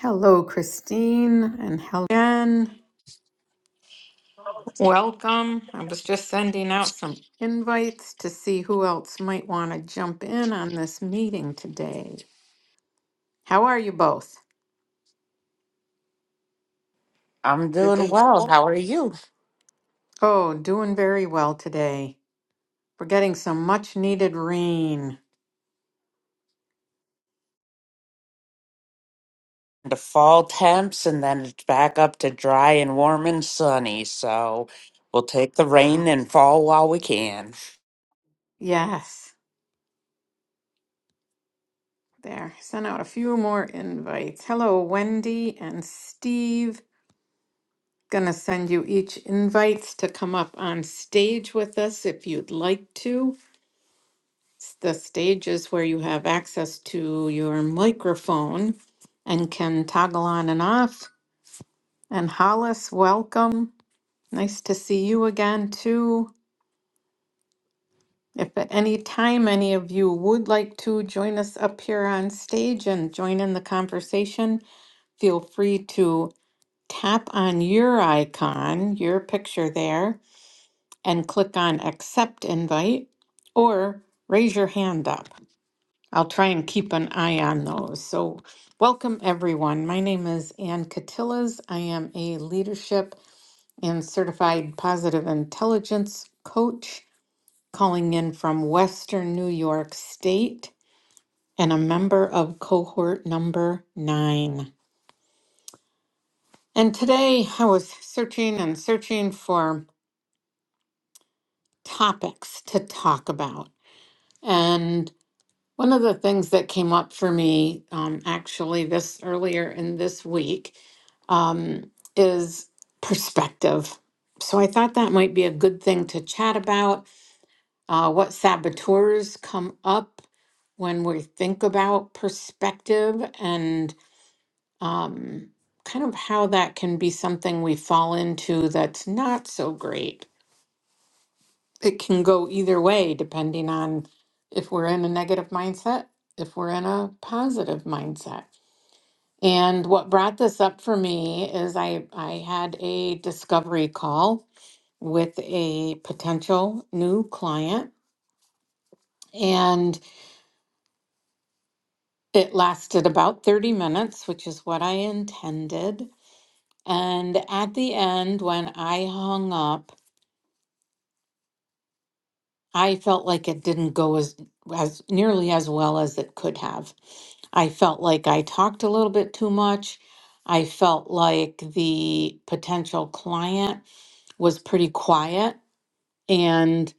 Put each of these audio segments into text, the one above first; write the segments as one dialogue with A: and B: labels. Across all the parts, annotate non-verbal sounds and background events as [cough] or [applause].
A: Hello, Christine, and hello again. Welcome. I was just sending out some invites to see who else might want to jump in on this meeting today. How are you both?
B: I'm
A: I'm
B: doing
A: doing
B: well.
A: well.
B: How are you?
A: Oh, doing very well today. We're getting some much needed rain.
B: The fall temps, and then it's back up to dry and warm and sunny. So we'll take the
A: Ah,
B: rain and fall while we can.
A: yes. There. Sent out a few more invites. Hello, Wendy and Steve. Gonna send you each invites to come up on stage with us if you'd like to. s- the stages where you have access to your microphone and can toggle on and off. And Hollis, welcome. Nice to see you again, too. If at any time any of you would like to join us up here on stage and join in the conversation, feel free to tap on your icon, your picture there, and click on accept invite or raise your hand up. I'll try and keep an eye on those. So, welcome everyone. My name is Ann Catillas. I am a leadership and certified positive intelligence coach calling in from Western New York State and a member of cohort number nine. And today I was searching and searching for topics to talk about. and. One of the things that came up for me um, actually this earlier in this week um, is perspective. So I thought that might be a good thing to chat about. Uh, what saboteurs come up when we think about perspective and um, kind of how that can be something we fall into that's not so great it can go either way depending on if we're in a negative mindset, if we're in a positive mindset. And what brought this up for me is I, I had a discovery call with a potential new client, and it lasted about 30 minutes, which is what I intended. And at the end, when I hung up, I felt like it didn't go as as nearly as well as it could have. I felt like I talked a little bit too much. I felt like the potential client was pretty quiet and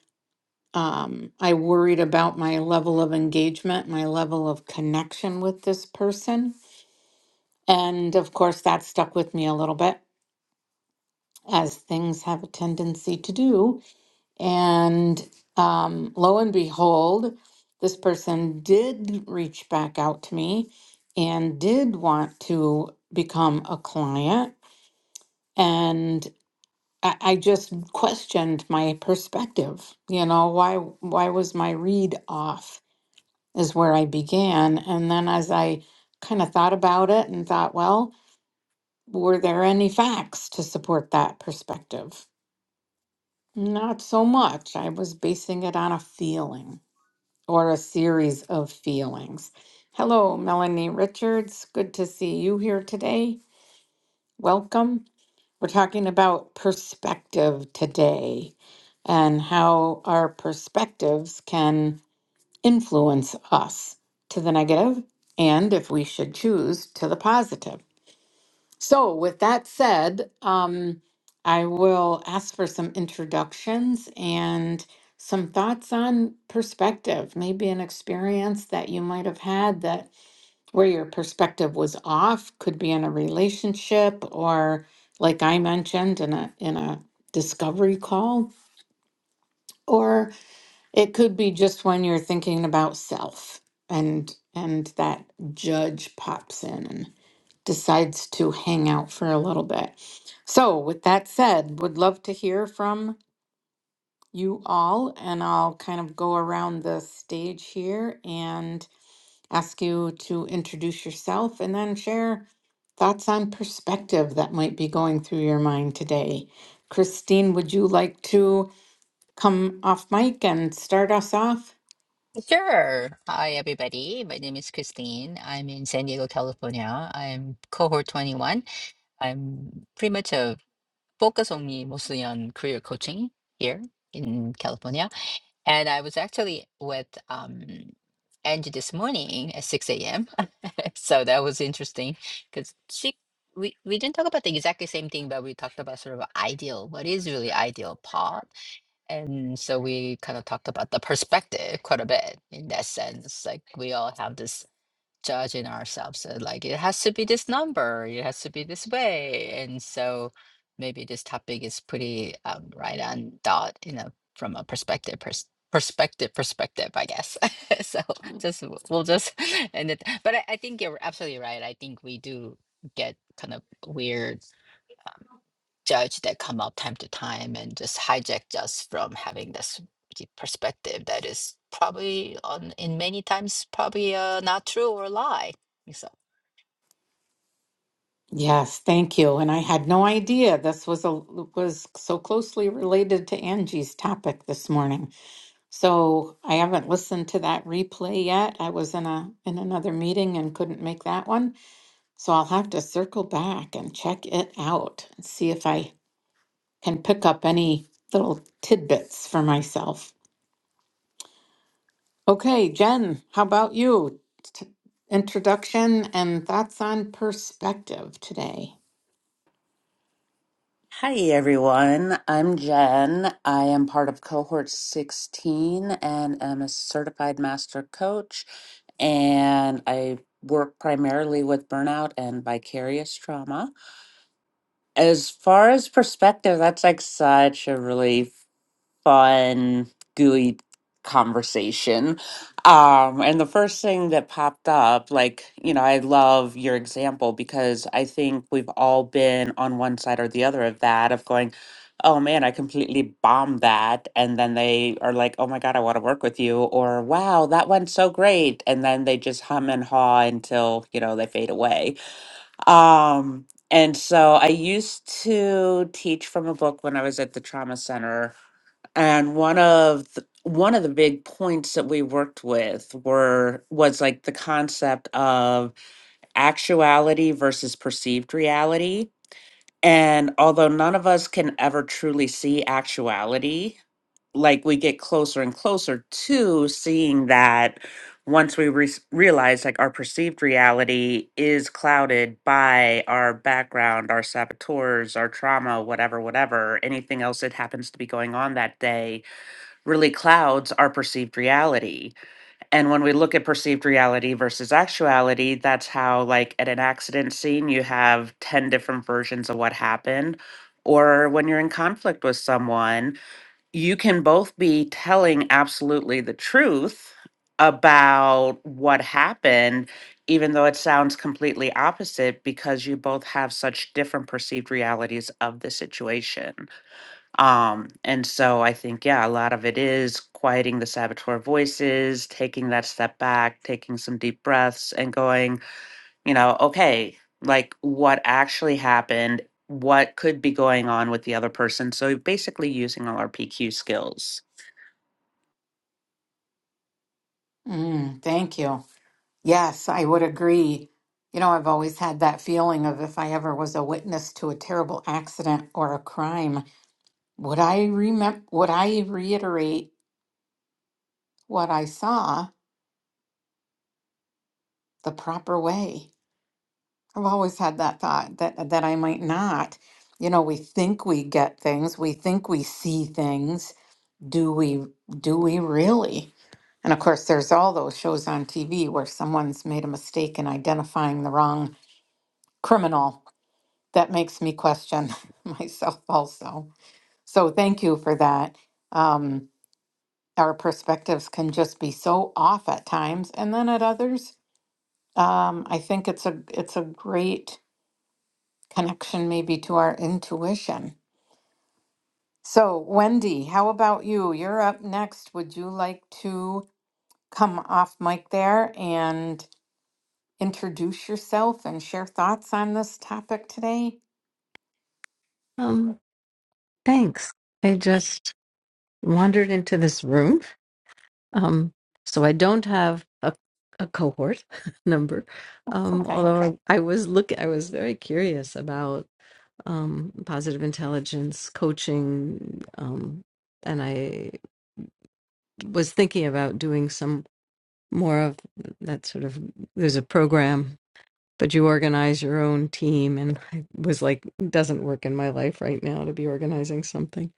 A: um, I worried about my level of engagement, my level of connection with this person. And of course, that stuck with me a little bit, as things have a tendency to do. And um, lo and behold, this person did reach back out to me and did want to become a client. And I, I just questioned my perspective. You know, why why was my read off is where I began. And then as I kind of thought about it and thought, well, were there any facts to support that perspective? Not so much. I was basing it on a feeling. or a series of feelings. Hello, Melanie Richards. Good to see you here today. Welcome. We're talking about perspective today and how our perspectives can influence us to the negative and, if we should choose, to the positive. So, with that said, um, I will ask for some introductions and some thoughts on perspective, maybe an experience that you might have had that where your perspective was off, could be in a relationship or like I mentioned in a in a discovery call, or it could be just when you're thinking about self and and that judge pops in decides to hang out for a little bit. So, with that said, would love to hear from you all, and I'll kind of go around the stage here and ask you to introduce yourself and then share thoughts on perspective that might be going through your mind today. Christine, would you like to come off mic and start us off?
C: Sure. Hi, everybody. My name is Christine. I'm in San Diego, California. I'm cohort 21. I'm pretty much a focus only mostly on career coaching here in California. And I was actually with um, Angie this morning at 6 a.m. [laughs] so that was interesting because she we, we didn't talk about the exactly same thing, but we talked about sort of ideal, what is really ideal path And so we kind of talked about the perspective quite a bit in that sense. Like we all have this judge in ourselves, uh, like it has to be this number, it has to be this way. And so maybe this topic is pretty um, right on dot, you know, from a perspective pers- perspective perspective, I guess. [laughs] so just w- we'll just [laughs] end it. But I, I think you're absolutely right. I think we do get kind of weird judge that come up time to time and just hijacked us from having this deep perspective that is probably on in many times probably uh, not true or a lie. So
A: Yes, thank you. And I had no idea this was a was so closely related to Angie's topic this morning. So I haven't listened to that replay yet. I was in a in another meeting and couldn't make that one. So I'll have to circle back and check it out and see if I can pick up any little tidbits for myself. Okay, Jen, how about you? T- introduction and thoughts on perspective today.
B: Hi, everyone. I'm Jen. I am part of cohort 16 and am a certified master coach. And I work primarily with burnout and vicarious trauma. As far as perspective, that's like such a relief fun, gooey conversation. Um, and the first thing that popped up, like, you know, I love your example because I think we've all been on one side or the other of that, of going, oh man, I completely bombed that. And then they are like, oh my God, I want to work with you. Or wow, that went so great. And then they just hum and haw until, you know, they fade away. Um, and so I used to teach from a book when I was at the trauma center and one of the, one of the big points that we worked with were was like the concept of actuality versus perceived reality. And although none of us can ever truly see actuality, like we get closer and closer to seeing that once we re- realize like our perceived reality is clouded by our background, our saboteurs, our trauma, whatever, whatever, anything else that happens to be going on that day really clouds our perceived reality. And when we look at perceived reality versus actuality, that's how, like, at an accident scene, you have 10 different versions of what happened. Or when you're in conflict with someone, you can both be telling absolutely the truth about what happened, even though it sounds completely opposite, because you both have such different perceived realities of the situation. Um, and so I think, yeah, a lot of it is quieting the saboteur voices, taking that step back, taking some deep breaths, and going, you know, okay, like what actually happened, what could be going on with the other person. So basically, using all our PQ skills.
A: Mm, thank you. Yes, I would agree. You know, I've always had that feeling of if I ever was a witness to a terrible accident or a crime. Would I remember, would I reiterate what I saw the proper way? I've always had that thought that that I might not. You know, we think we get things, we think we see things. Do we do we really? And of course, there's all those shows on TV where someone's made a mistake in identifying the wrong criminal. That makes me question [laughs] myself also. So thank you for that. Um, our perspectives can just be so off at times and then at others um, i think it's a it's a great connection maybe to our intuition so wendy how about you you're up next would you like to come off mic there and introduce yourself and share thoughts on this topic today
D: Um, thanks. I just wandered into this room. Um, so I don't have a, a cohort [laughs] number.
A: that's
D: Um,
A: okay
D: although I, I was look, I was very curious about um, positive intelligence coaching, um, and I was thinking about doing some more of that sort of. There's a program, but you organize your own team, and I was like, doesn't work in my life right now to be organizing something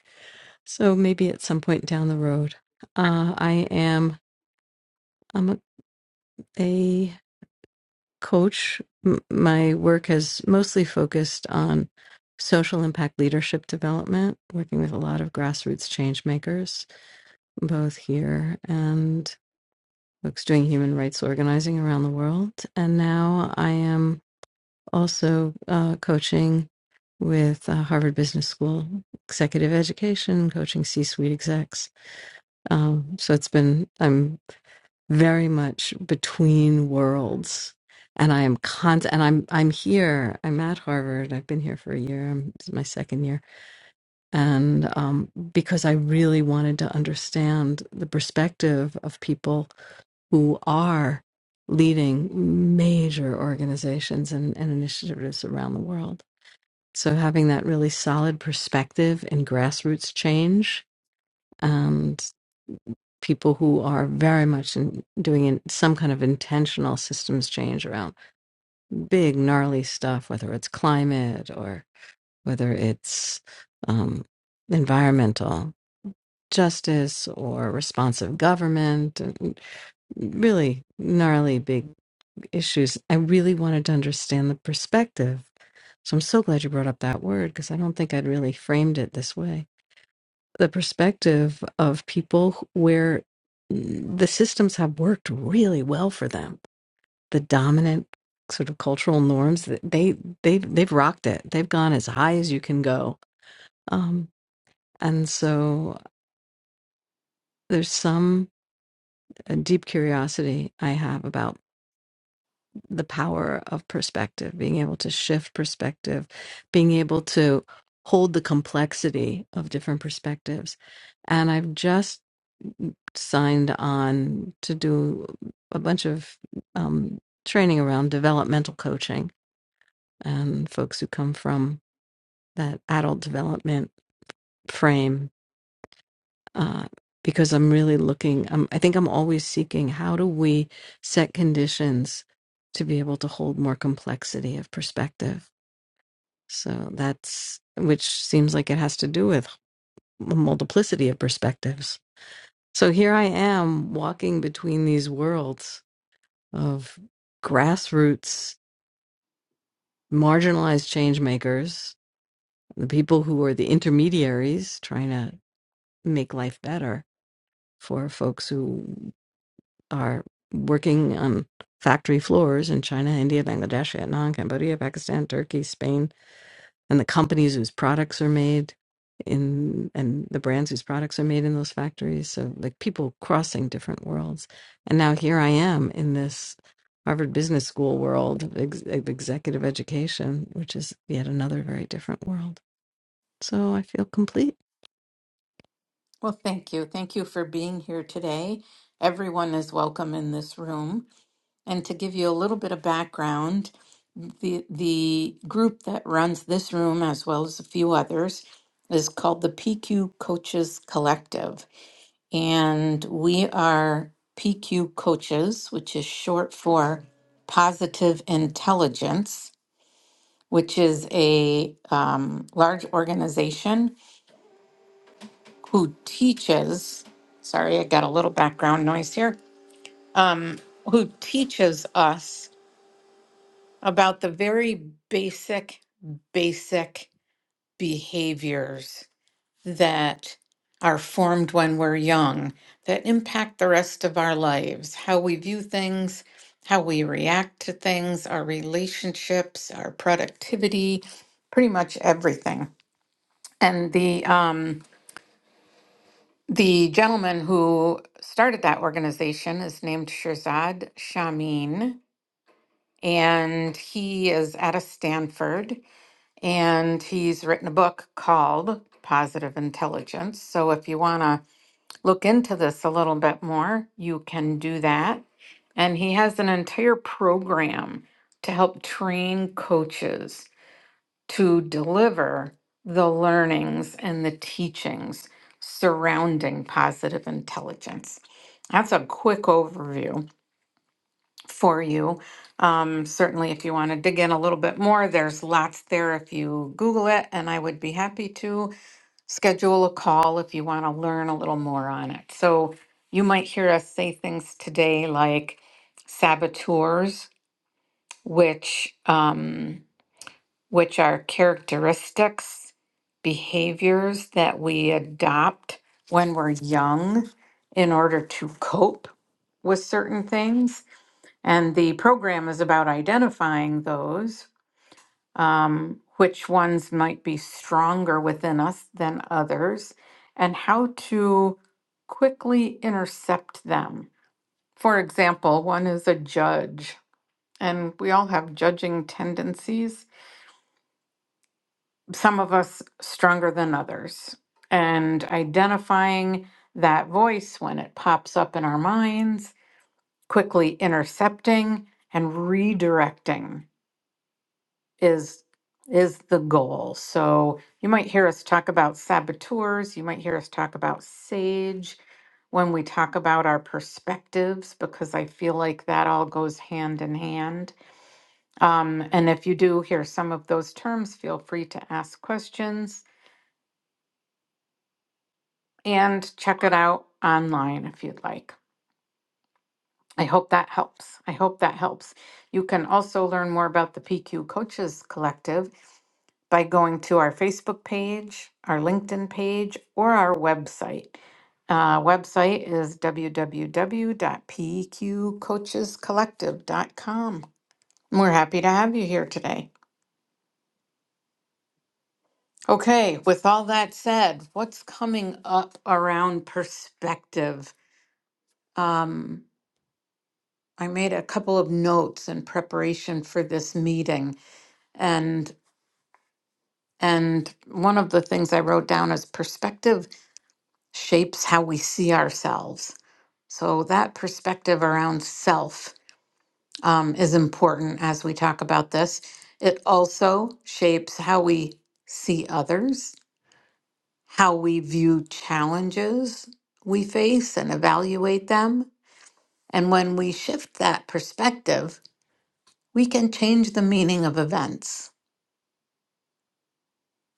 D: So maybe at some point down the road, uh, I am I'm a a coach. M- my work has mostly focused on social impact leadership development, working with a lot of grassroots change makers, both here and folks doing human rights organizing around the world. And now I am also uh, coaching with uh, Harvard Business School executive education, coaching C-suite execs. Um, so it's been I'm very much between worlds and i am con and i'm i'm here i'm at harvard i've been here for a year I'm, this is my second year and um, because i really wanted to understand the perspective of people who are leading major organizations and, and initiatives around the world so having that really solid perspective in grassroots change people who are very much in, doing in, some kind of intentional systems change around big gnarly stuff, whether it's climate or whether it's um, environmental justice or responsive government, and really gnarly big issues. I really wanted to understand the perspective. So I'm so glad you brought up that word because I don't think I'd really framed it this way the perspective of people wh- where the systems have worked really well for them. The dominant sort of cultural norms th- they they've they've rocked it. They've gone as high as you can go. Um, and so there's some uh, deep curiosity I have about the power of perspective, being able to shift perspective, being able to hold the complexity of different perspectives. And I've just signed on to do a bunch of um, training around developmental coaching and folks who come from that adult development frame uh, because I'm really looking, um, I think I'm always seeking how do we set conditions to be able to hold more complexity of perspective. So that's, which seems like it has to do with a multiplicity of perspectives. So here I am walking between these worlds of grassroots marginalized change makers, the people who are the intermediaries trying to make life better for folks who are working on factory floors in China, India, Bangladesh, Vietnam, Cambodia, Pakistan, Turkey, Spain, and the companies whose products are made in and the brands whose products are made in those factories so like people crossing different worlds and now here i am in this harvard business school world of ex- of executive education which is yet another very different world so i feel complete
A: well thank you thank you for being here today everyone is welcome in this room And to give you a little bit of background, the the group that runs this room as well as a few others is called the PQ Coaches Collective. And we are PQ Coaches, which is short for Positive Intelligence, which is a um, large organization who teaches. Sorry, I got a little background noise here. Um, who teaches us about the very basic, basic behaviors that are formed when we're young that impact the rest of our lives, how we view things, how we react to things, our relationships, our productivity, pretty much everything. And the um, the gentleman who started that organization is named Shirzad Shamin, and he is out of Stanford and he's written a book called Positive Intelligence. So if you want to look into this a little bit more, you can do that. And he has an entire program to help train coaches to deliver the learnings and the teachings surrounding positive intelligence. That's a quick overview for you. Um, certainly, if you want to dig in a little bit more, there's lots there if you Google it, and I would be happy to schedule a call if you want to learn a little more on it. So, you might hear us say things today like saboteurs, which um, which are characteristics, behaviors that we adopt when we're young in order to cope with certain things and the program is about identifying those, um, which ones might be stronger within us than others, and how to quickly intercept them. For example, one is a judge, and we all have judging tendencies, some of us stronger than others. And identifying that voice when it pops up in our minds, quickly intercepting and redirecting is is the goal. So you might hear us talk about saboteurs, you might hear us talk about sage when we talk about our perspectives because I feel like that all goes hand in hand. Um, and if you do hear some of those terms, feel free to ask questions and check it out online if you'd like. I hope that helps. I hope that helps. You can also learn more about the PQ Coaches Collective by going to our Facebook page, our LinkedIn page, or our website. Uh, website is www.pqcoachescollective.com. We're happy to have you here today. Okay, with all that said, what's coming up around perspective? Um, I made a couple of notes in preparation for this meeting. and and one of the things i wrote down is perspective shapes how we see ourselves so that perspective around self um, is important as we talk about this it also shapes how we see others how we view challenges we face and evaluate them and when we shift that perspective we can change the meaning of events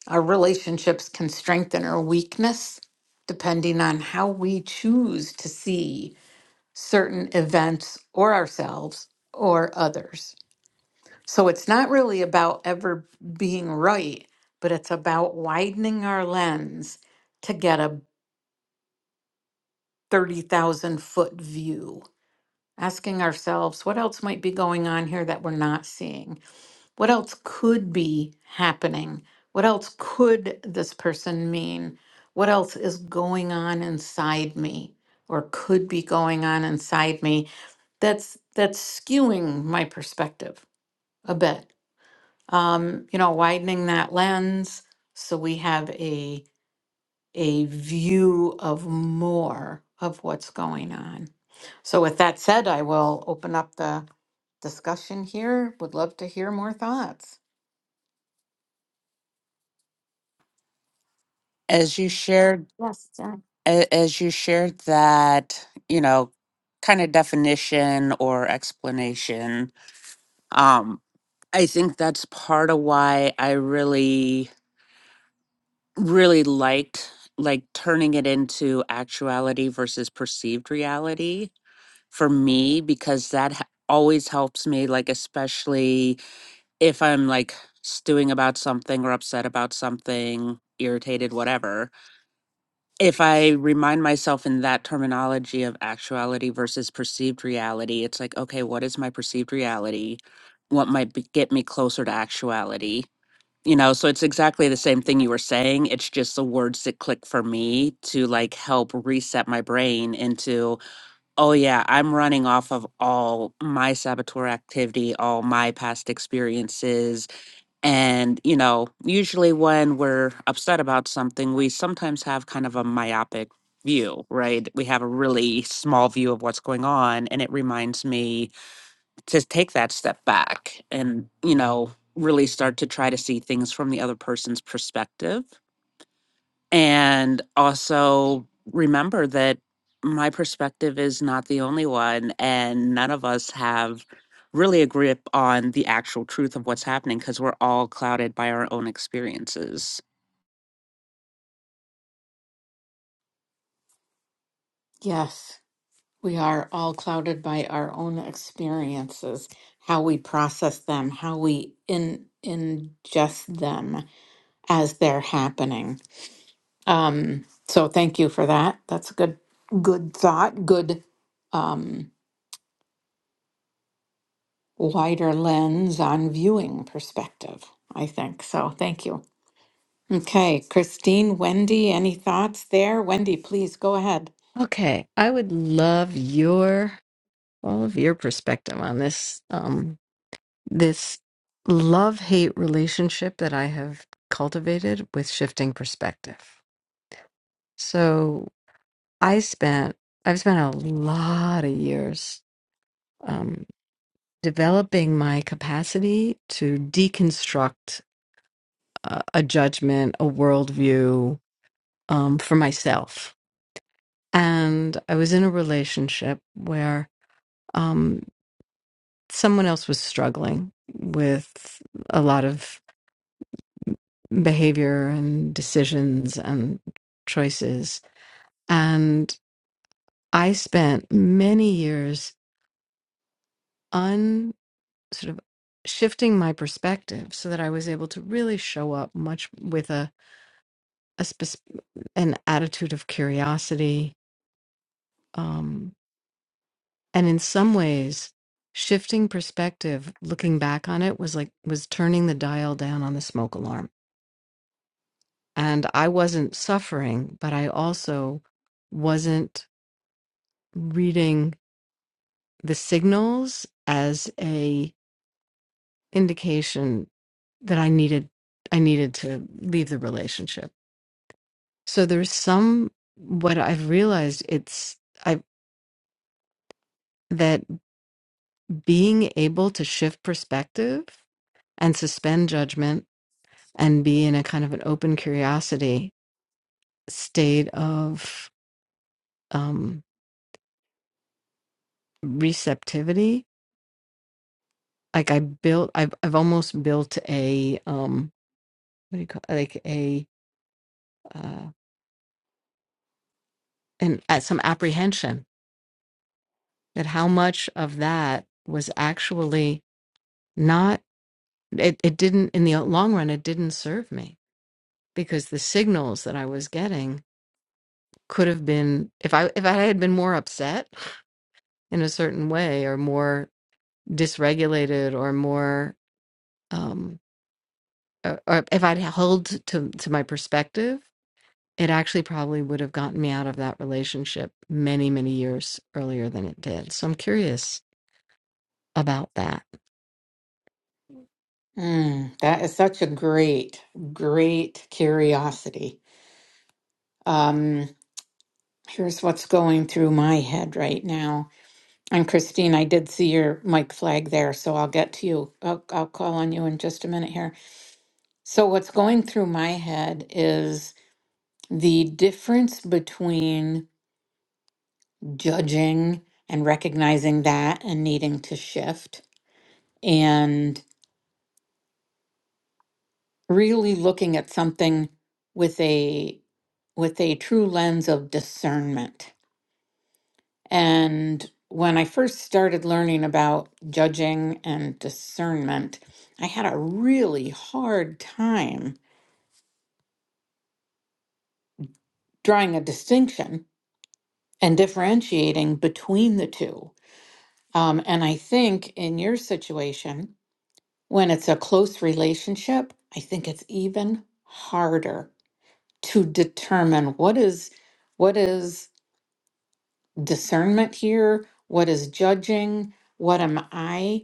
A: Our relationships can strengthen or weakness depending on how we choose to see certain events or ourselves or others. So it's not really about ever being right, but it's about widening our lens to get a 30,000 foot view, asking ourselves what else might be going on here that we're not seeing What else could be happening? What else could this person mean? What else is going on inside me or could be going on inside me that's that's skewing my perspective a bit. Um, you know, widening that lens so we have a a view of more of what's going on. So with that said, I will open up the discussion here. Would love to hear more thoughts.
B: As you shared
A: Yes.
B: a- as you shared that, you know, kind of definition or explanation, um, I think that's part of why I really, really liked like turning it into actuality versus perceived reality for me, because that h- always helps me, like, especially if I'm like stewing about something or upset about something, irritated, whatever if I remind myself in that terminology of actuality versus perceived reality, it's like, okay, what is my perceived reality? What might be, get me closer to actuality? You know, so it's exactly the same thing you were saying. It's just the words that click for me to like help reset my brain into, oh, yeah, I'm running off of all my saboteur activity, all my past experiences, and, you know, usually when we're upset about something, we sometimes have kind of a myopic view, right? We have a really small view of what's going on. And it reminds me to take that step back and, you know, really start to try to see things from the other person's perspective and also remember that my perspective is not the only one and none of us have really a grip on the actual truth of what's happening because we're all clouded by our own experiences
A: Yes, we are all clouded by our own experiences, how we process them, how we in, ingest them as they're happening. Um, so thank you for that. That's a good, good thought, good um, wider lens on viewing perspective, I think. So thank you. Okay, Christine, Wendy, any thoughts there? Wendy, please go ahead.
D: okay i would love your all of your perspective on this um this love hate relationship that i have cultivated with shifting perspective so I spent I've spent a lot of years um, developing my capacity to deconstruct a, a judgment, a worldview um, for myself. And I was in a relationship where um, someone else was struggling with a lot of behavior and decisions and choices, and I spent many years sort of shifting my perspective so that I was able to really show up much with a, a spec- an attitude of curiosity. Um, and in some ways, shifting perspective, looking back on it, was like was turning the dial down on the smoke alarm. And I wasn't suffering, but I also wasn't reading the signals as a indication that I needed I needed to leave the relationship So there's some what I've realized it's I that being able to shift perspective and suspend judgment and be in a kind of an open curiosity state of um receptivity. Like I built I've I've almost built a um what do you call like a uh and at some apprehension that how much of that was actually not it, it didn't in the long run it didn't serve me because the signals that I was getting could have been if I if I had been more upset in a certain way or more dysregulated or more um or, or if I'd held to to my perspective, it actually probably would have gotten me out of that relationship many many years earlier than it did. So I'm curious about that.
A: Mm, that is such a great, great curiosity Um, here's what's going through my head right now. And Christine, I did see your mic flag there, so I'll get to you. I'll, I'll call on you in just a minute here. So, what's going through my head is the difference between judging and recognizing that and needing to shift and really looking at something with a with a true lens of discernment And when I first started learning about judging and discernment, I had a really hard time drawing a distinction and differentiating between the two. Um, and I think in your situation, when it's a close relationship, I think it's even harder to determine what is what is discernment here, what is judging, what am I?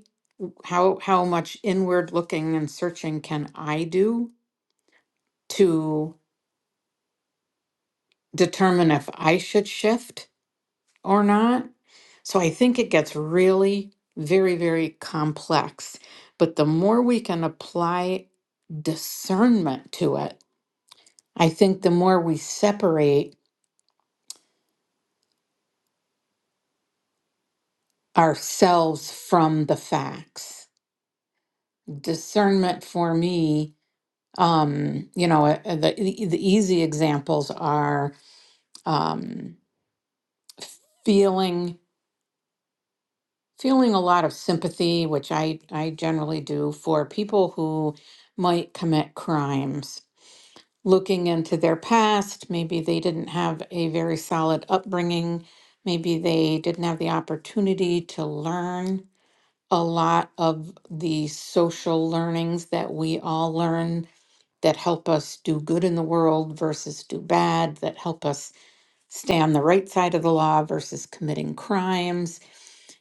A: how how much inward looking and searching can I do to determine if I should shift or not? So I think it gets really very very complex. But the more we can apply discernment to it, I think the more we separate ourselves from the facts. Discernment for me, um, you know, uh, the the easy examples are um, feeling feeling a lot of sympathy, which I, I generally do, for people who might commit crimes. Looking into their past, maybe they didn't have a very solid upbringing, maybe they didn't have the opportunity to learn a lot of the social learnings that we all learn that help us do good in the world versus do bad, that help us stay on the right side of the law versus committing crimes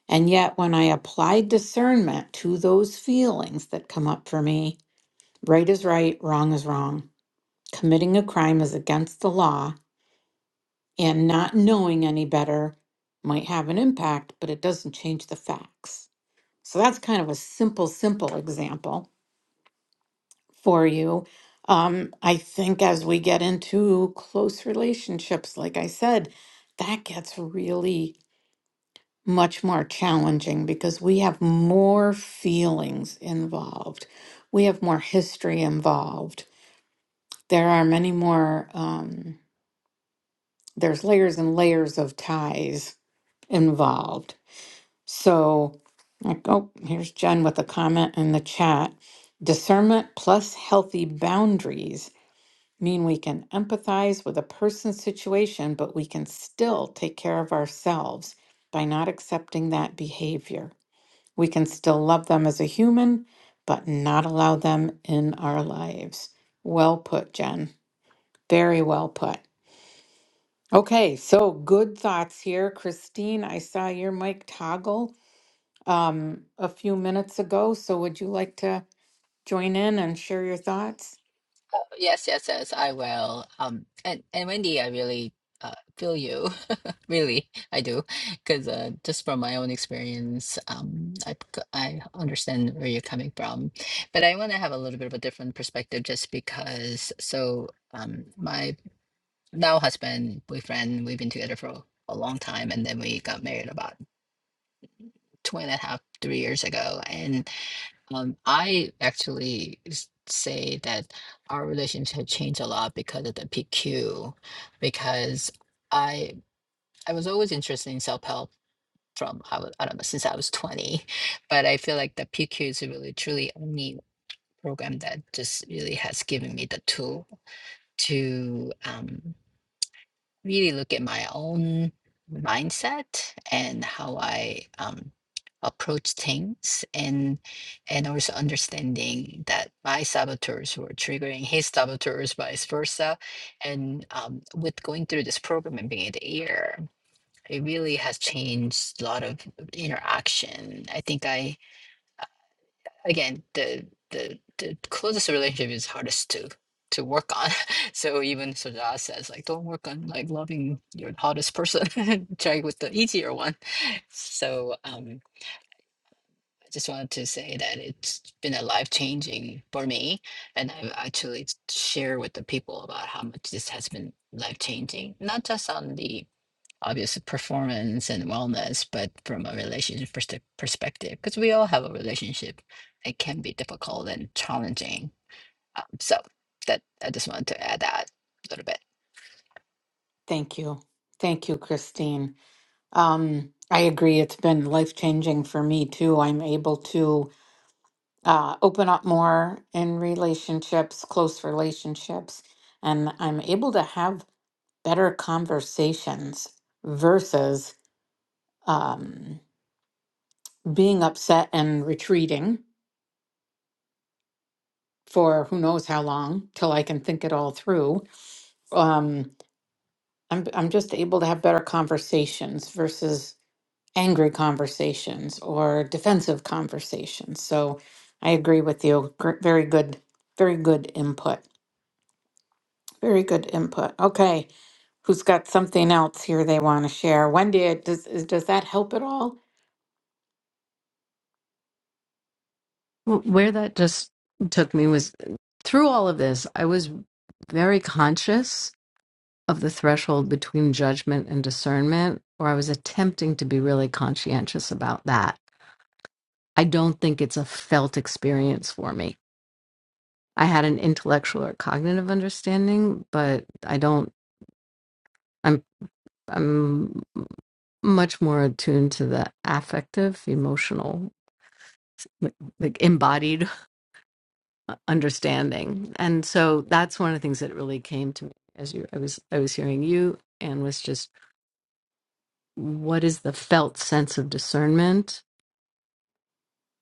A: and yet, when I apply discernment to those feelings that come up for me, right is right, wrong is wrong, committing a crime is against the law, and not knowing any better might have an impact, but it doesn't change the facts. So that's kind of a simple, simple example for you. Um, I think as we get into close relationships, like I said, that gets really much more challenging because we have more feelings involved. We have more history involved. There are many more, um, there's layers and layers of ties involved. So, like, oh, here's Jen with a comment in the chat. Discernment plus healthy boundaries mean we can empathize with a person's situation, but we can still take care of ourselves by not accepting that behavior. We can still love them as a human, but not allow them in our lives. Well put, Jen. Very well put. Okay, so good thoughts here. Christine, I saw your mic toggle um, a few minutes ago. So would you like to join in and share your thoughts?
C: yes, yes, yes, I will. Um, and and Wendy, I really uh, feel you. [laughs] really, I do, because uh, just from my own experience, um, I c- I understand where you're coming from, but I want to have a little bit of a different perspective, just because. So um, my now husband, boyfriend, we've been together for a long time, and then we got married about two and a half, three years ago. And um, I actually s- say that our relationship changed a lot because of the PQ, because I I was always interested in self help from I was I don't know since I was twenty, but I feel like the PQ is really truly only program that just really has given me the tool to um, really look at my own mindset and how I um, approach things, and and also understanding that my saboteurs were triggering his saboteurs, vice versa. And um, with going through this program and being at the ear, it really has changed a lot of interaction. I think I again the the the closest relationship is hardest to to work on [laughs] so even Sujata says like don't work on like loving your hottest person [laughs] try with the easier one [laughs] so um I just wanted to say that it's been a life changing for me and I've actually shared with the people about how much this has been life changing not just on the obviously performance and wellness, but from a relationship perste- perspective, because we all have a relationship, it can be difficult and challenging. Um, so that I just wanted to add that a little bit.
A: Thank you. Thank you, Christine. Um, I agree. It's been life changing for me too. I'm able to uh, open up more in relationships, close relationships, and I'm able to have better conversations versus um, being upset and retreating for who knows how long till I can think it all through. Um, I'm I'm just able to have better conversations versus angry conversations or defensive conversations. So I agree with you. Gr- Very good, very good input. Very good input. Okay. Who's got something else here they want to share? Wendy, it- does is- does that help at all?
D: Wh- Where that just took me was through all of this, I was very conscious of the threshold between judgment and discernment, or I was attempting to be really conscientious about that. I don't think it's a felt experience for me. I had an intellectual or cognitive understanding, but I don't I'm I'm much more attuned to the affective, emotional, like, like embodied [laughs] understanding. And so that's one of the things that really came to me as you I was I was hearing you and was just what is the felt sense of discernment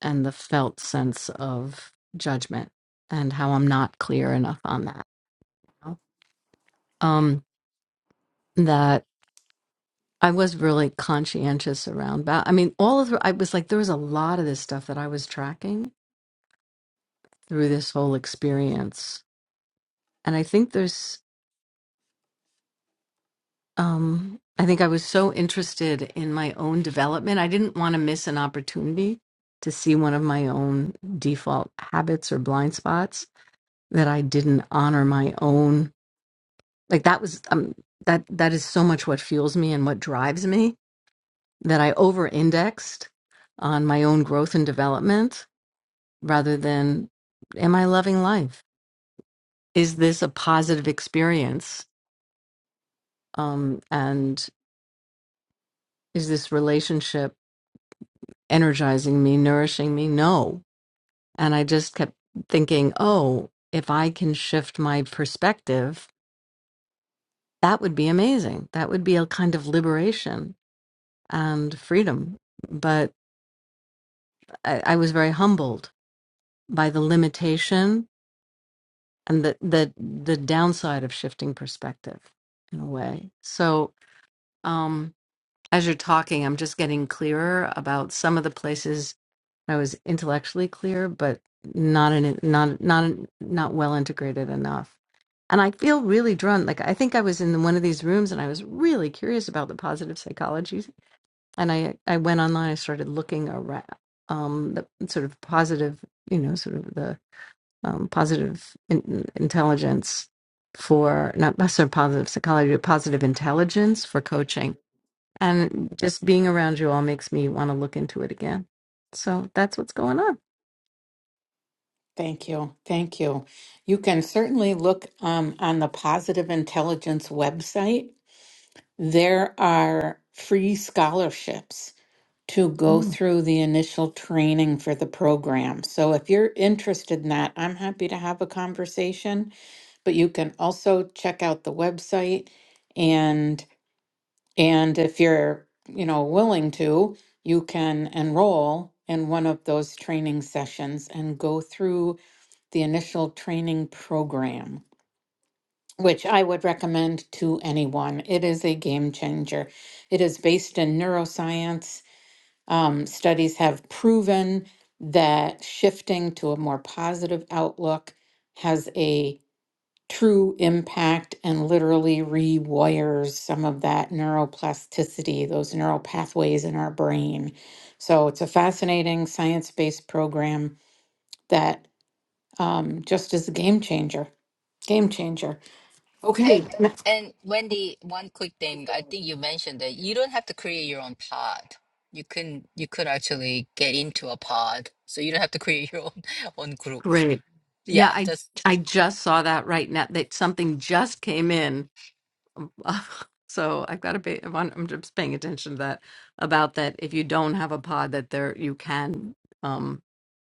D: and the felt sense of judgment and how I'm not clear enough on that. Um that I was really conscientious around. Ba- I mean, all of the, I was like, there was a lot of this stuff that I was tracking through this whole experience, and I think there's, um, I think I was so interested in my own development, I didn't want to miss an opportunity to see one of my own default habits or blind spots that I didn't honor my own. Like that was um, that that is so much what fuels me and what drives me that I over indexed on my own growth and development rather than am I loving life? Is this a positive experience? Um, and is this relationship energizing me, nourishing me? No. And I just kept thinking, oh, if I can shift my perspective, that would be amazing. That would be a kind of liberation and freedom. But I, I was very humbled by the limitation and the the the downside of shifting perspective in a way so um as you're talking i'm just getting clearer about some of the places i was intellectually clear but not in not not not well integrated enough and i feel really drawn like i think i was in one of these rooms and i was really curious about the positive psychology and i i went online i started looking around um the sort of positive you know sort of the um, positive in- intelligence for not necessarily positive psychology, but positive intelligence for coaching. And just being around you all makes me want to look into it again. So that's what's going on.
A: Thank you. Thank you. You can certainly look um, on the Positive Intelligence website. There are free scholarships to go
D: Mm.
A: through the initial training for the program. So if you're interested in that, I'm happy to have a conversation, but you can also check out the website and. And if you're, you know, willing to, you can enroll in one of those training sessions and go through the initial training program, which I would recommend to anyone. It is a game changer. It is based in neuroscience. Um, studies have proven that shifting to a more positive outlook has a true impact and literally rewires some of that neuroplasticity, those neural pathways in our brain. So it's a fascinating science based program that um, just is a game changer. Game changer. Okay.
C: And and Wendy, one quick thing. I think you mentioned that you don't have to create your own pod. You can you could actually get into a pod, so you don't have to create your own [laughs] own group.
D: Great. Yeah,
C: Yeah,
D: I
C: that's.
D: I just saw that right now that something just came in Um, [laughs] So I've got to be. I'm I'm just paying attention to that about that. If you don't have a pod, that there you can, um,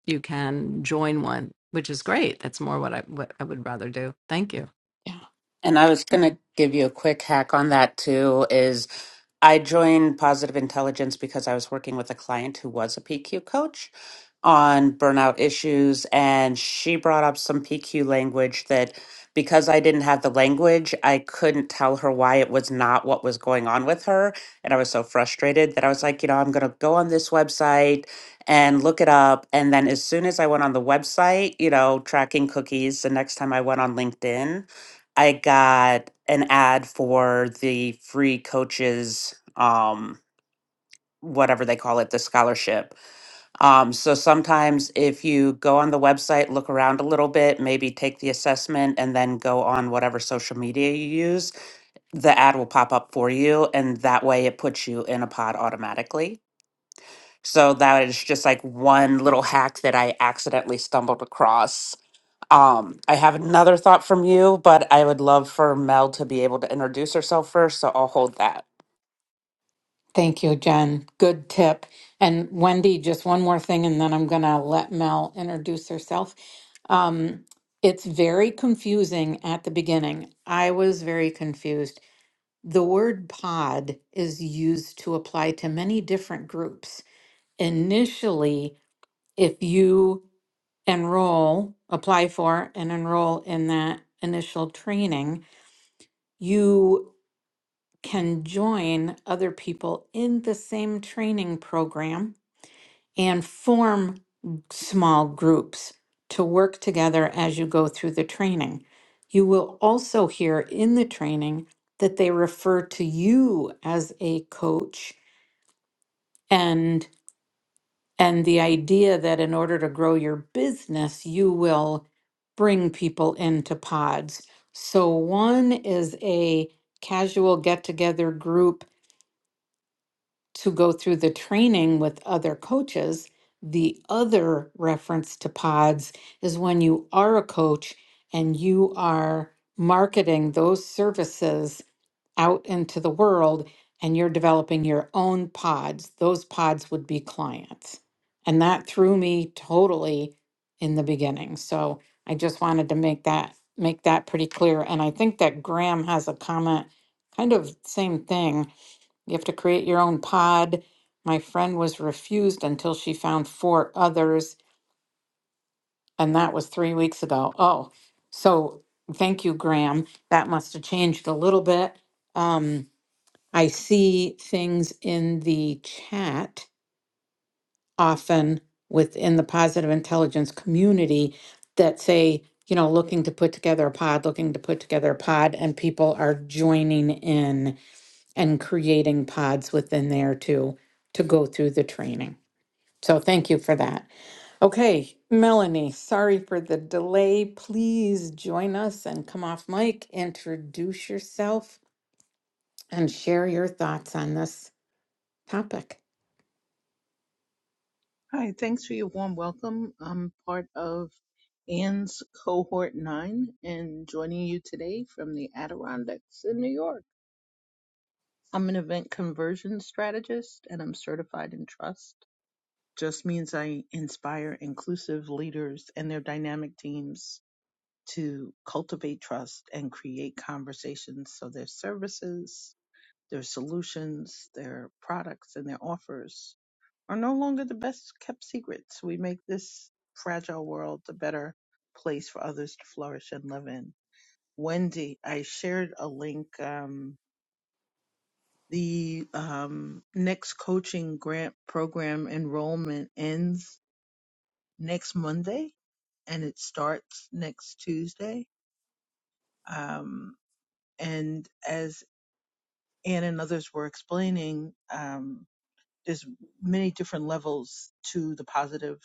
D: you can join one, which is great. That's more what I what I would rather do. Thank you.
A: Yeah.
B: and i was going to give you a quick hack on that too is i joined positive intelligence because i was working with a client who was a pq coach on burnout issues and she brought up some PQ language that because I didn't have the language, I couldn't tell her why it was not what was going on with her. And I was so frustrated that I was like, you know, I'm going to go on this website and look it up. And then as soon as I went on the website, you know, tracking cookies, the next time I went on LinkedIn, I got an ad for the free coaches, um, whatever they call it, the scholarship um, so sometimes if you go on the website, look around a little bit, maybe take the assessment and then go on whatever social media you use, the ad will pop up for you. And that way it puts you in a pod automatically. So that is just like one little hack that I accidentally stumbled across. Um, I have another thought from you, but I would love for Mel to be able to introduce herself first. So I'll hold that.
A: Thank you, Jen. Good tip. And Wendy, just one more thing, and then I'm going to let Mel introduce herself. Um, it's very confusing at the beginning. I was very confused The word pod is used to apply to many different groups. Initially, if you enroll, apply for, and enroll in that initial training, you can join other people in the same training program and form small groups to work together as you go through the training. You will also hear in the training that they refer to you as a coach and and the idea that in order to grow your business you will bring people into pods so one is a casual get together group to go through the training with other coaches the other reference to pods is when you are a coach and you are marketing those services out into the world and you're developing your own pods, those pods would be clients. And that threw me totally in the beginning. So I just wanted to make that make that pretty clear. And I think that Graham has a comment, kind of same thing. You have to create your own pod. My friend was refused until she found four others, and that was three weeks ago. Oh, so thank you, Graham. That must have changed a little bit. Um, I see things in the chat often within the positive intelligence community that say, you know, looking to put together a pod, looking to put together a pod, and people are joining in and creating pods within there too to go through the training. So thank you for that. Okay, Melanie, sorry for the delay. Please join us and come off mic, introduce yourself, and share your thoughts on this topic.
E: Hi, thanks for your warm welcome. I'm part of Anne's Cohort 9 and joining you today from the Adirondacks in New York. I'm an event conversion strategist and I'm certified in trust. Just means I inspire inclusive leaders and their dynamic teams to cultivate trust and create conversations so their services, their solutions, their products, and their offers are no longer the best kept secrets. We make this fragile world a better place for others to flourish and live in. Wendy, I shared a link. Um, the um, next coaching grant program enrollment ends next Monday and it starts next Tuesday. Um, and as Ann and others were explaining, um, there's many different levels to the positive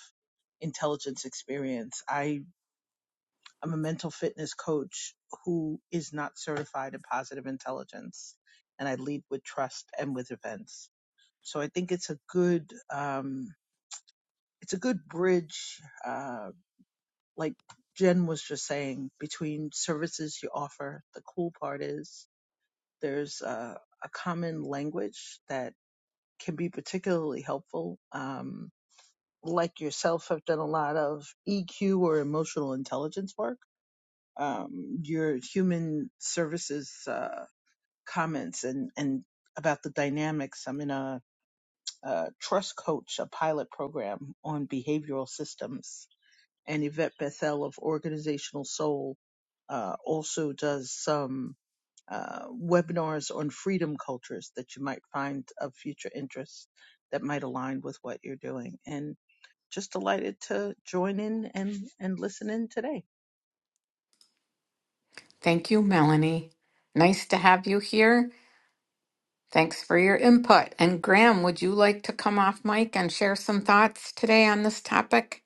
E: intelligence experience. I I'm a mental fitness coach who is not certified in positive intelligence, and I lead with trust and with events. So I think it's a good um, it's a good bridge, uh, like Jen was just saying, between services you offer. The cool part is there's a, a common language that can be particularly helpful. Um, like yourself, I've done a lot of EQ or emotional intelligence work um, your human services uh, comments and, and about the dynamics. I'm in a, a trust coach, a pilot program on behavioral systems, and Yvette Bethel of Organizational Soul uh, also does some uh, webinars on freedom cultures that you might find of future interest that might align with what you're doing. And just delighted to join in and, and listen in today.
A: Thank you, Melanie. Nice to have you here. Thanks for your input. And Graham, would you like to come off mic and share some thoughts today on this topic?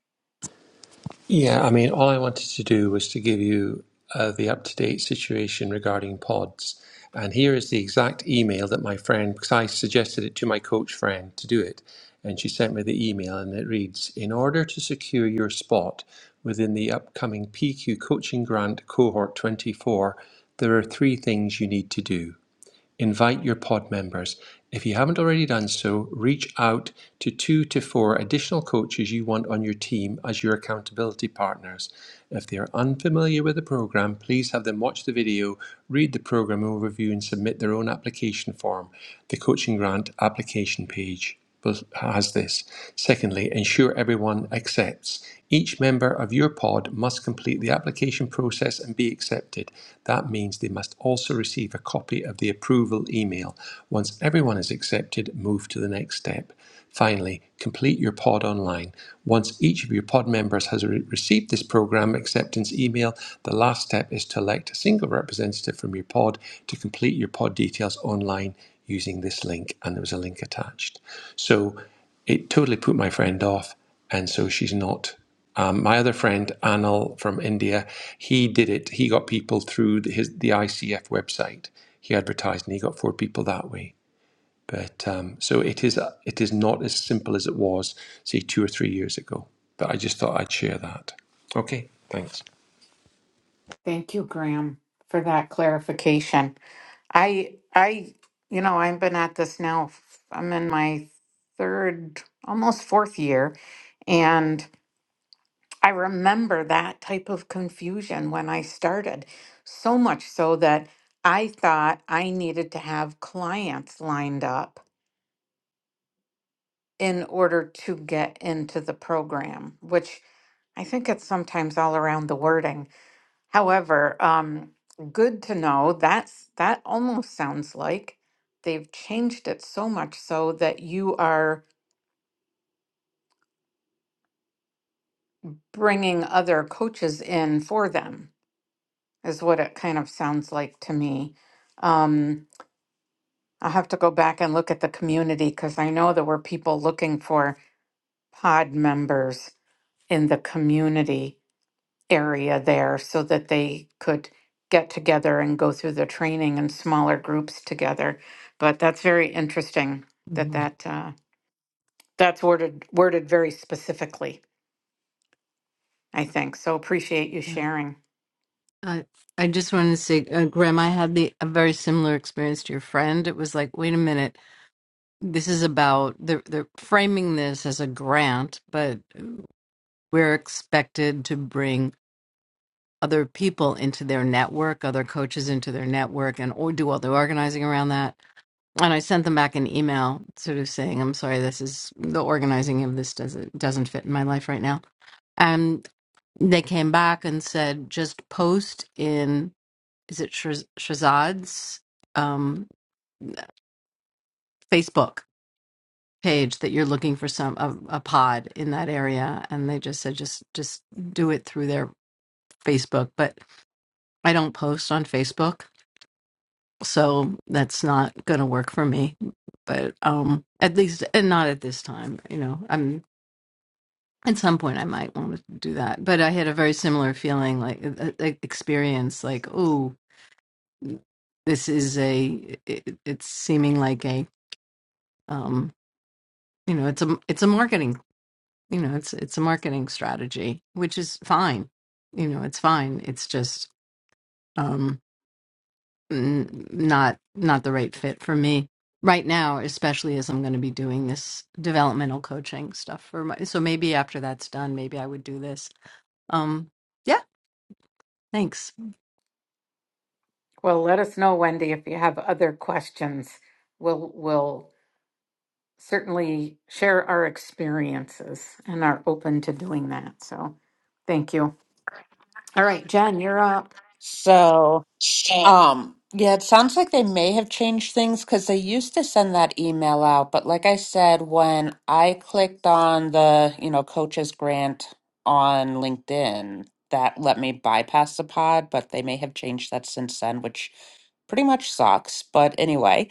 F: Yeah, I mean, all I wanted to do was to give you uh, the up to date situation regarding pods. And here is the exact email that my friend, because I suggested it to my coach friend to do it, and she sent me the email, and it reads In order to secure your spot within the upcoming PQ Coaching Grant Cohort 24, there are three things you need to do invite your pod members. If you haven't already done so, reach out to two to four additional coaches you want on your team as your accountability partners. If they are unfamiliar with the program, please have them watch the video, read the program overview, and submit their own application form. The coaching grant application page has this. Secondly, ensure everyone accepts. Each member of your pod must complete the application process and be accepted. That means they must also receive a copy of the approval email. Once everyone is accepted, move to the next step. Finally, complete your pod online. Once each of your pod members has re- received this program acceptance email, the last step is to elect a single representative from your pod to complete your pod details online using this link. And there was a link attached. So it totally put my friend off. And so she's not um, my other friend Anil from India, he did it. He got people through the, his, the ICF website. He advertised and he got four people that way. But um, so it is. It is not as simple as it was, say, two or three years ago. But I just thought I'd share that. Okay, thanks.
A: Thank you, Graham, for that clarification. I I you know, I've been at this now. f- I'm in my third, almost fourth year, and I remember that type of confusion when I started. So much so that I thought I needed to have clients lined up in order to get into the program, which I think it's sometimes all around the wording. However, um, good to know that's that almost sounds like they've changed it so much so that you are bringing other coaches in for them, is what it kind of sounds like to me. Um, I'll have to go back and look at the community because I know there were people looking for pod members in the community area there so that they could get together and go through the training in smaller groups together. But that's very interesting that
D: Mhm.
A: that uh, that's worded worded very specifically. I think so. Appreciate you
D: Yeah.
A: sharing.
D: I I just wanted to say, uh, Graham, I had the a very similar experience to your friend. It was like, wait a minute, this is about they're they're framing this as a grant, but we're expected to bring other people into their network, other coaches into their network, and or do all the organizing around that. And I sent them back an email, sort of saying, "I'm sorry, this is the organizing of this doesn't doesn't fit in my life right now." And they came back and said, "Just post in is it Shaz- Shazad's um, Facebook page that you're looking for some a, a pod in that area." And they just said, "Just just do it through their Facebook." But I don't post on Facebook so that's not going to work for me but um at least and not at this time you know i'm at some point i might want to do that but i had a very similar feeling like uh, uh, experience like oh this is a it, it's seeming like a um you know it's a it's a marketing you know it's it's a marketing strategy which is fine you know it's fine it's just um, n- not not the right fit for me right now especially as i'm going to be doing this developmental coaching stuff for my so maybe after that's done maybe i would do this um yeah thanks
A: Well, let us know, Wendy, if you have other questions. We'll we'll certainly share our experiences and are open to doing that. So, thank you. All right, Jen, you're up.
B: So. Um, yeah, it sounds like they may have changed things because they used to send that email out. But like I said, when I clicked on the, you know, coaches grant on LinkedIn, that let me bypass the pod, but they may have changed that since then, which pretty much sucks. But anyway,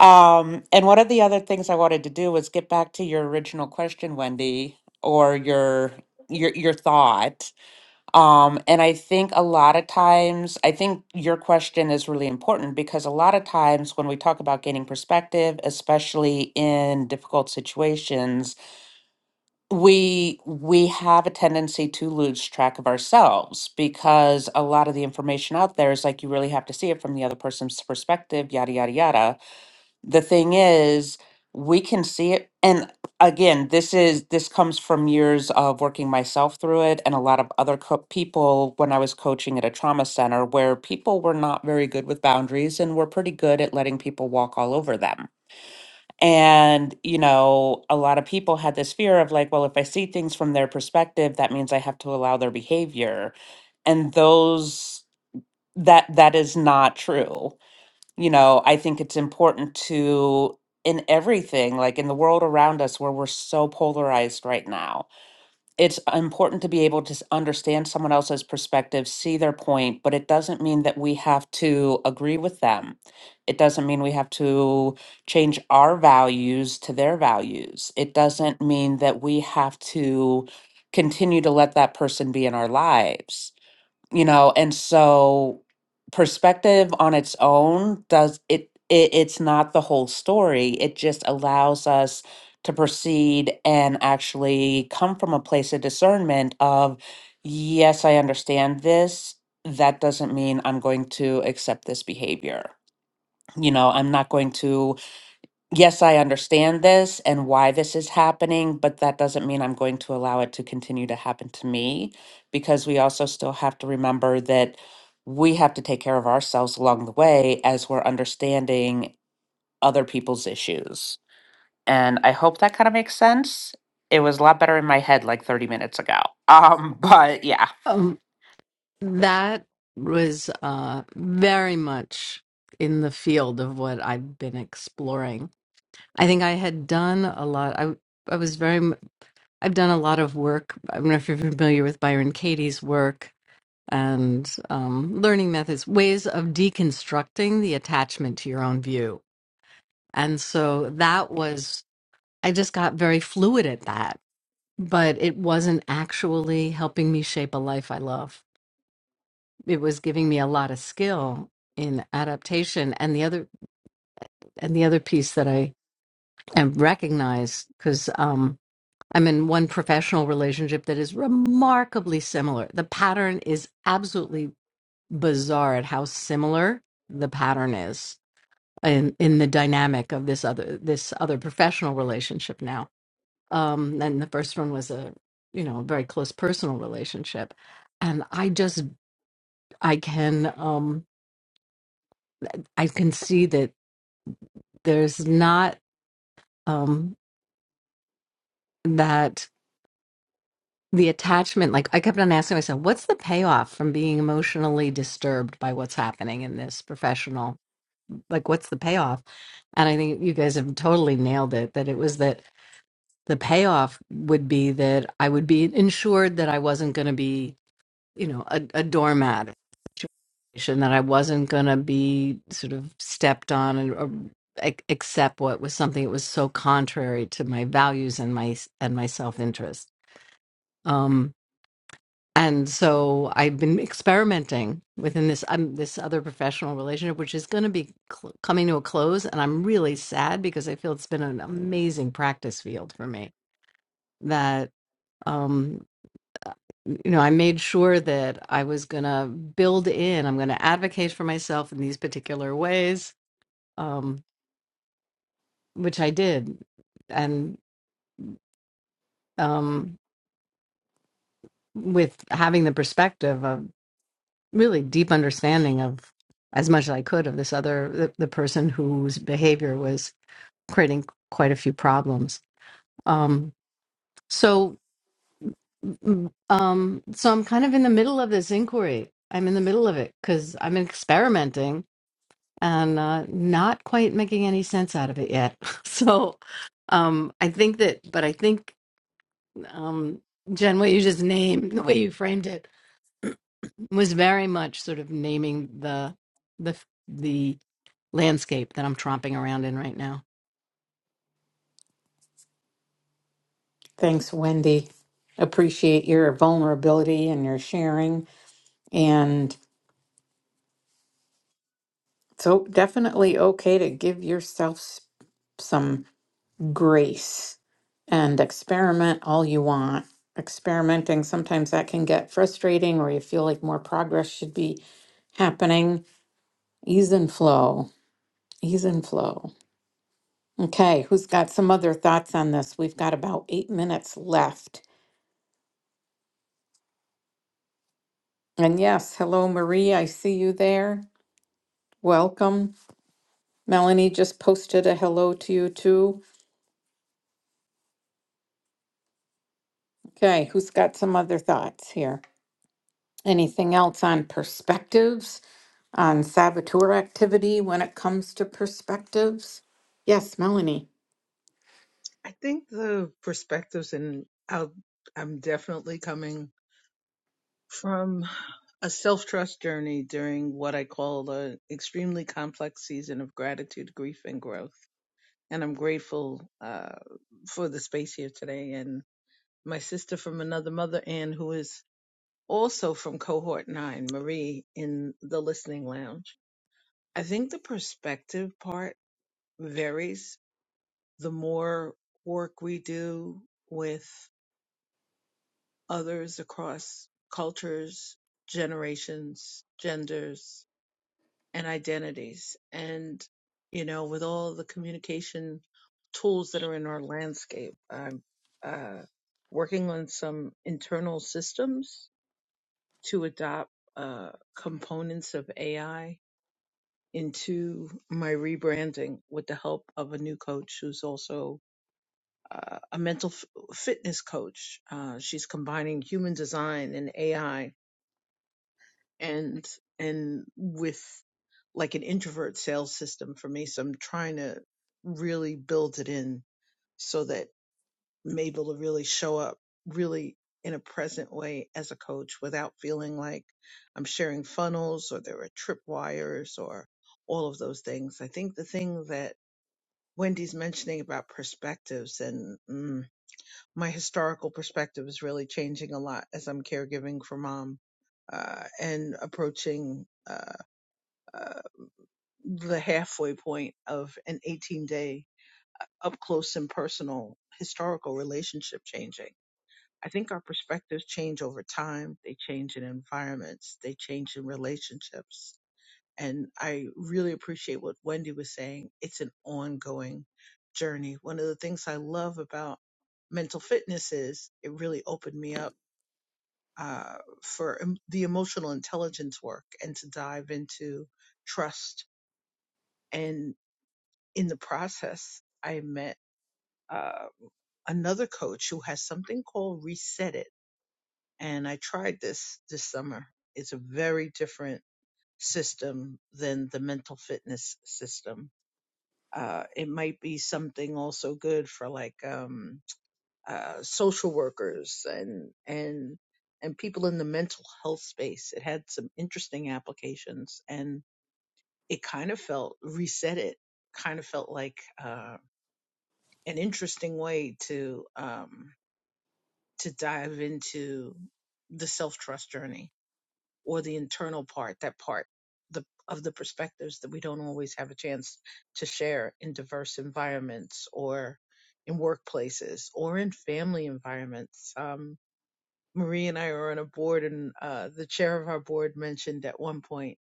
B: um, and one of the other things I wanted to do was get back to your original question, Wendy, or your your your thought. Um, and I think a lot of times, I think your question is really important because a lot of times when we talk about gaining perspective, especially in difficult situations, we we have a tendency to lose track of ourselves because a lot of the information out there is like you really have to see it from the other person's perspective, yada yada yada the thing is we can see it and again this is this comes from years of working myself through it and a lot of other co- people when i was coaching at a trauma center where people were not very good with boundaries and were pretty good at letting people walk all over them and you know a lot of people had this fear of like well if i see things from their perspective that means i have to allow their behavior and those that that is not true you know, I think it's important to, in everything, like in the world around us where we're so polarized right now, it's important to be able to s- understand someone else's perspective, see their point, but it doesn't mean that we have to agree with them. It doesn't mean we have to change our values to their values. It doesn't mean that we have to continue to let that person be in our lives you know and so perspective on its own does it, it it's not the whole story it just allows us to proceed and actually come from a place of discernment of yes i understand this that doesn't mean i'm going to accept this behavior you know i'm not going to yes, I understand this and why this is happening, but that doesn't mean I'm going to allow it to continue to happen to me because we also still have to remember that we have to take care of ourselves along the way as we're understanding other people's issues. And I hope that kind of makes sense. It was a lot better in my head like 30 minutes ago. Um, [laughs] but yeah.
D: um that was uh very much in the field of what i've been exploring i think i had done a lot i i was very m- i've done a lot of work i don't know if you're familiar with byron katie's work and um, learning methods, ways of deconstructing the attachment to your own view. And so that was, I just got very fluid at that, but it wasn't actually helping me shape a life I love. It was giving me a lot of skill in adaptation. And the other, and the other piece that I and recognize because um, I'm in one professional relationship that is remarkably similar. The pattern is absolutely bizarre at how similar the pattern is in in the dynamic of this other this other professional relationship now. Um, and the first one was a you know very close personal relationship, and I just I can um, I can see that there's not um, that the attachment like i kept on asking myself what's the payoff from being emotionally disturbed by what's happening in this professional like what's the payoff and i think you guys have totally nailed it that it was that the payoff would be that i would be insured that i wasn't going to be you know a, a doormat situation that i wasn't going to be sort of stepped on and or ac- accept what was something that was so contrary to my values and my and my self-interest Um, and so I've been experimenting within this um, this other professional relationship, which is going to be cl- coming to a close, and I'm really sad because I feel it's been an amazing practice field for me. That um, you know, I made sure that I was going to build in, I'm going to advocate for myself in these particular ways, um, which I did, and um, with having the perspective of really deep understanding of as much as I could of this other the, the person whose behavior was creating quite a few problems. Um, so, mm, um, so I'm kind of in the middle of this inquiry. I'm in the middle of it because I'm experimenting and uh, not quite making any sense out of it yet. [laughs] so, um, I think that, but I think um, Jen, what you just named, the way you framed it was very much sort of naming the the the landscape that I'm tromping around in right now.
A: Thanks, Wendy. Appreciate your vulnerability and your sharing. And so, definitely okay to give yourself s- some grace and experiment all you want. Experimenting, sometimes that can get frustrating, or you feel like more progress should be happening. Ease and flow. Ease and flow. Okay, who's got some other thoughts on this? We've got about eight minutes left. And yes, hello, Marie. I see you there. Welcome. Melanie just posted a hello to you too. Okay, who's got some other thoughts here? Anything else on perspectives, on saboteur activity when it comes to perspectives? Yes, Melanie.
E: I think the perspectives, and I'll, I'm definitely coming from a self trust journey during what I call an extremely complex season of gratitude, grief, and growth. And I'm grateful uh, for the space here today. And my sister from another mother, Ann, who is also from cohort nine, Marie, in the listening lounge. I think the perspective part varies the more work we do with Others across cultures, generations, genders, and identities. And, you know, with all the communication tools that are in our landscape, I'm uh, working on some internal systems to adopt uh, components of AI into my rebranding with the help of a new coach who's also uh, a mental f- fitness coach. Uh, she's combining human design and AI and and with like an introvert sales system for me. So I'm trying to really build it in so that I'm able to really show up really in a present way as a coach without feeling like I'm sharing funnels or there are tripwires or all of those things. I think the thing that Wendy's mentioning about perspectives and mm, my historical perspective is really changing a lot as I'm caregiving for mom uh, and approaching. uh, uh, the halfway point of an 18 day uh, up close and personal historical relationship changing. I think our perspectives change over time. They change in environments. They change in relationships. And I really appreciate what Wendy was saying. It's an ongoing journey. One of the things I love about mental fitness is it really opened me up uh, for em- the emotional intelligence work and to dive into trust and. in the process, I met uh, another coach who has something called Reset It, and I tried this this summer. It's a very different system than the mental fitness system. Uh, it might be something also good for like um, uh, social workers and and and people in the mental health space. It had some interesting applications, and it kind of felt Reset It kind of felt like. uh, an interesting way to um to dive into the self-trust journey or the internal part that part the of the perspectives that we don't always have a chance to share in diverse environments or in workplaces or in family environments um Marie and I are on a board and uh the chair of our board mentioned at one point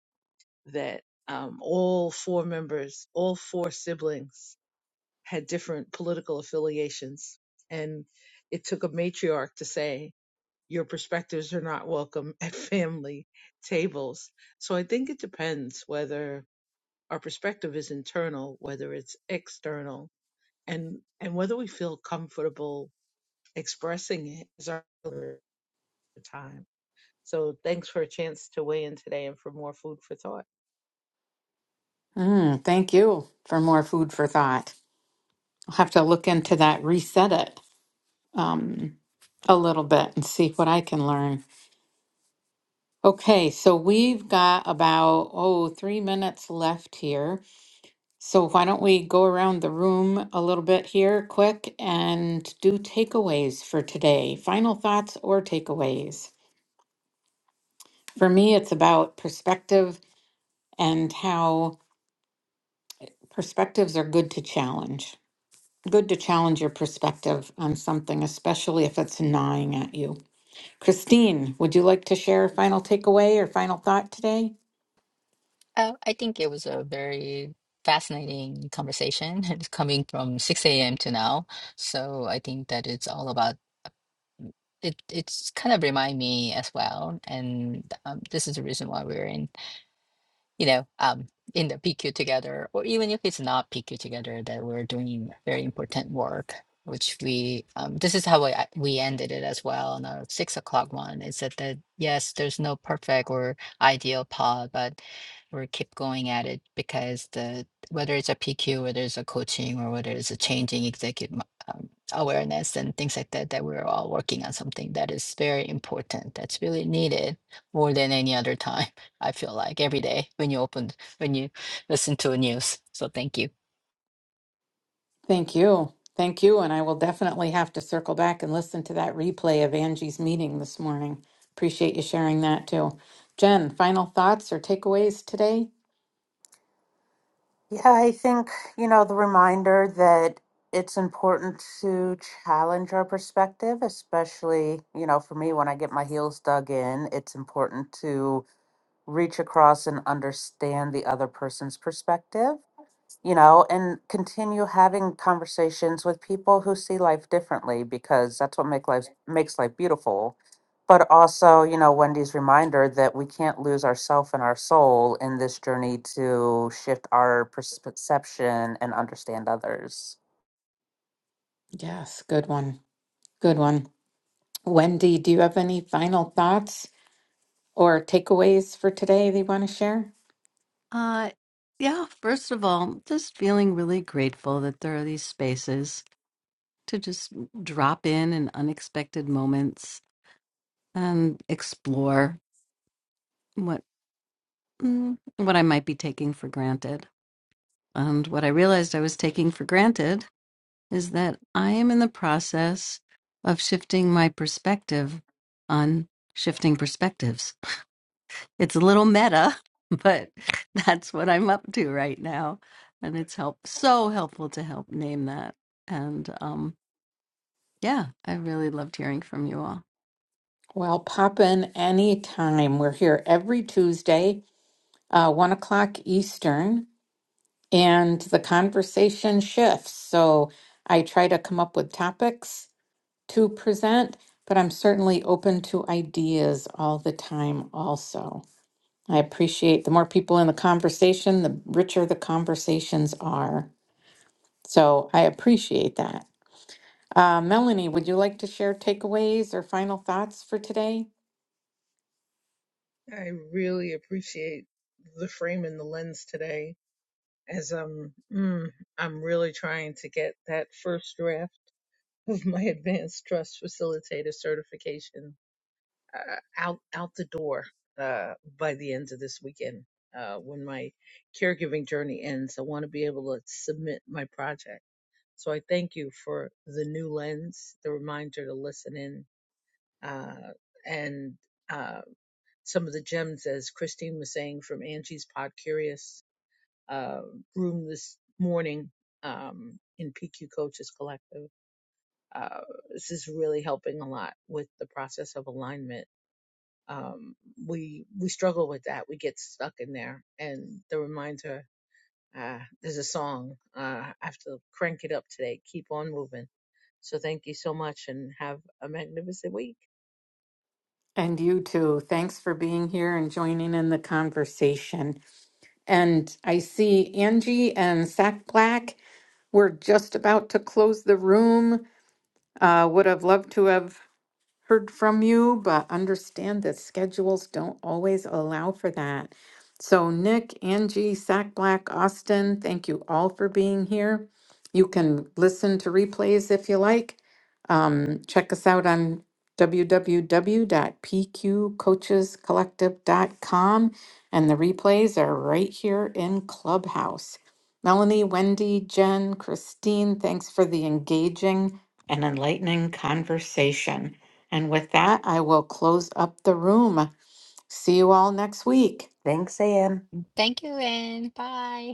E: that um all four members all four siblings had different political affiliations. And it took a matriarch to say, your perspectives are not welcome [laughs] at family tables. So I think it depends whether our perspective is internal, whether it's external, and, and whether we feel comfortable expressing it is our time. So thanks for a chance to weigh in today and for more food for thought.
A: Mm, thank you for more food for thought. I'll have to look into that, reset it um, a little bit and see what I can learn. Okay, so we've got about, oh, three minutes left here. So why don't we go around the room a little bit here quick and do takeaways for today? Final thoughts or takeaways? For me, it's about perspective and how perspectives are good to challenge. Good to challenge your perspective on something, especially if it's gnawing at you. Christine, would you like to share a final takeaway or final thought today?
C: Uh, I think it was a very fascinating conversation. [laughs] And coming from six a.m. to now, so I think that it's all about it. It's kind of remind me as well, and um, this is the reason why we're in. you know, um, in the PQ together, or even if it's not PQ together, that we're doing very important work. Which we, um, this is how we I- we ended it as well on our six o'clock one. It said that yes, there's no perfect or ideal pod, but we keep going at it because the whether it's a PQ, whether it's a coaching, or whether it's a changing executive mo- um, awareness and things like that, that we're all working on something that is very important, that's really needed more than any other time. I feel like every day when you open, when you listen to the news. So thank you.
A: Thank you. Thank you. And I will definitely have to circle back and listen to that replay of Angie's meeting this morning. Appreciate you sharing that too. Jen, final thoughts or takeaways today?
B: Yeah, I think, you know, the reminder that it's important to challenge our perspective, especially, you know, for me, when I get my heels dug in, it's important to reach across and understand the other person's perspective you know, and continue having conversations with people who see life differently because that's what make life makes life beautiful. But also, you know, Wendy's reminder that we can't lose ourself and our soul in this journey to shift our perception and understand others.
A: Yes, good one. Good one. Wendy, do you have any final thoughts or takeaways for today that you want to share?
D: Uh yeah, first of all, just feeling really grateful that there are these spaces to just drop in in unexpected moments and explore what. mm, what I might be taking for granted. And what I realized I was taking for granted is that I am in the process of shifting my perspective on shifting perspectives. It's a little meta, [laughs] but that's what I'm up to right now. And it's help so helpful to help name that. And um, yeah, I really loved hearing from you all.
A: Well, pop in anytime. We're here every Tuesday, uh, one o'clock Eastern, and the conversation shifts. So I try to come up with topics to present, but I'm certainly open to ideas all the time also. I appreciate the more people in the conversation, the richer the conversations are. So I appreciate that. Uh, Melanie, would you like to share takeaways or final thoughts for today?
E: I really appreciate the frame and the lens today as I'm mm, I'm really trying to get that first draft of my [laughs] advanced trust facilitator certification uh, out out the door uh, by the end of this weekend. Uh, when my caregiving journey ends, I want to be able to submit my project. So I thank you for the new lens, the reminder to listen in, uh, and uh, some of the gems, as Christine was saying, from Angie's Pod Curious uh, room this morning um, in PQ Coaches Collective. Uh, this is really helping a lot with the process of alignment. Um, we we struggle with that. We get stuck in there, and the reminder. Uh, there's a song. Uh, I have to crank it up today. Keep on moving. So thank you so much, and have a magnificent week.
A: And you too. Thanks for being here and joining in the conversation. And I see Angie and Sack Black. We're just about to close the room. Uh, would have loved to have heard from you, but understand that schedules don't always allow for that. So, Nick, Angie, Sack Black, Austin, thank you all for being here. You can listen to replays if you like. Um, check us out on www.pqcoachescollective.com, and the replays are right here in Clubhouse. Melanie, Wendy, Jen, Christine, thanks for the engaging and enlightening conversation. And with that, I will close up the room. See you all next week.
B: Thanks, Anne.
C: Thank you and bye.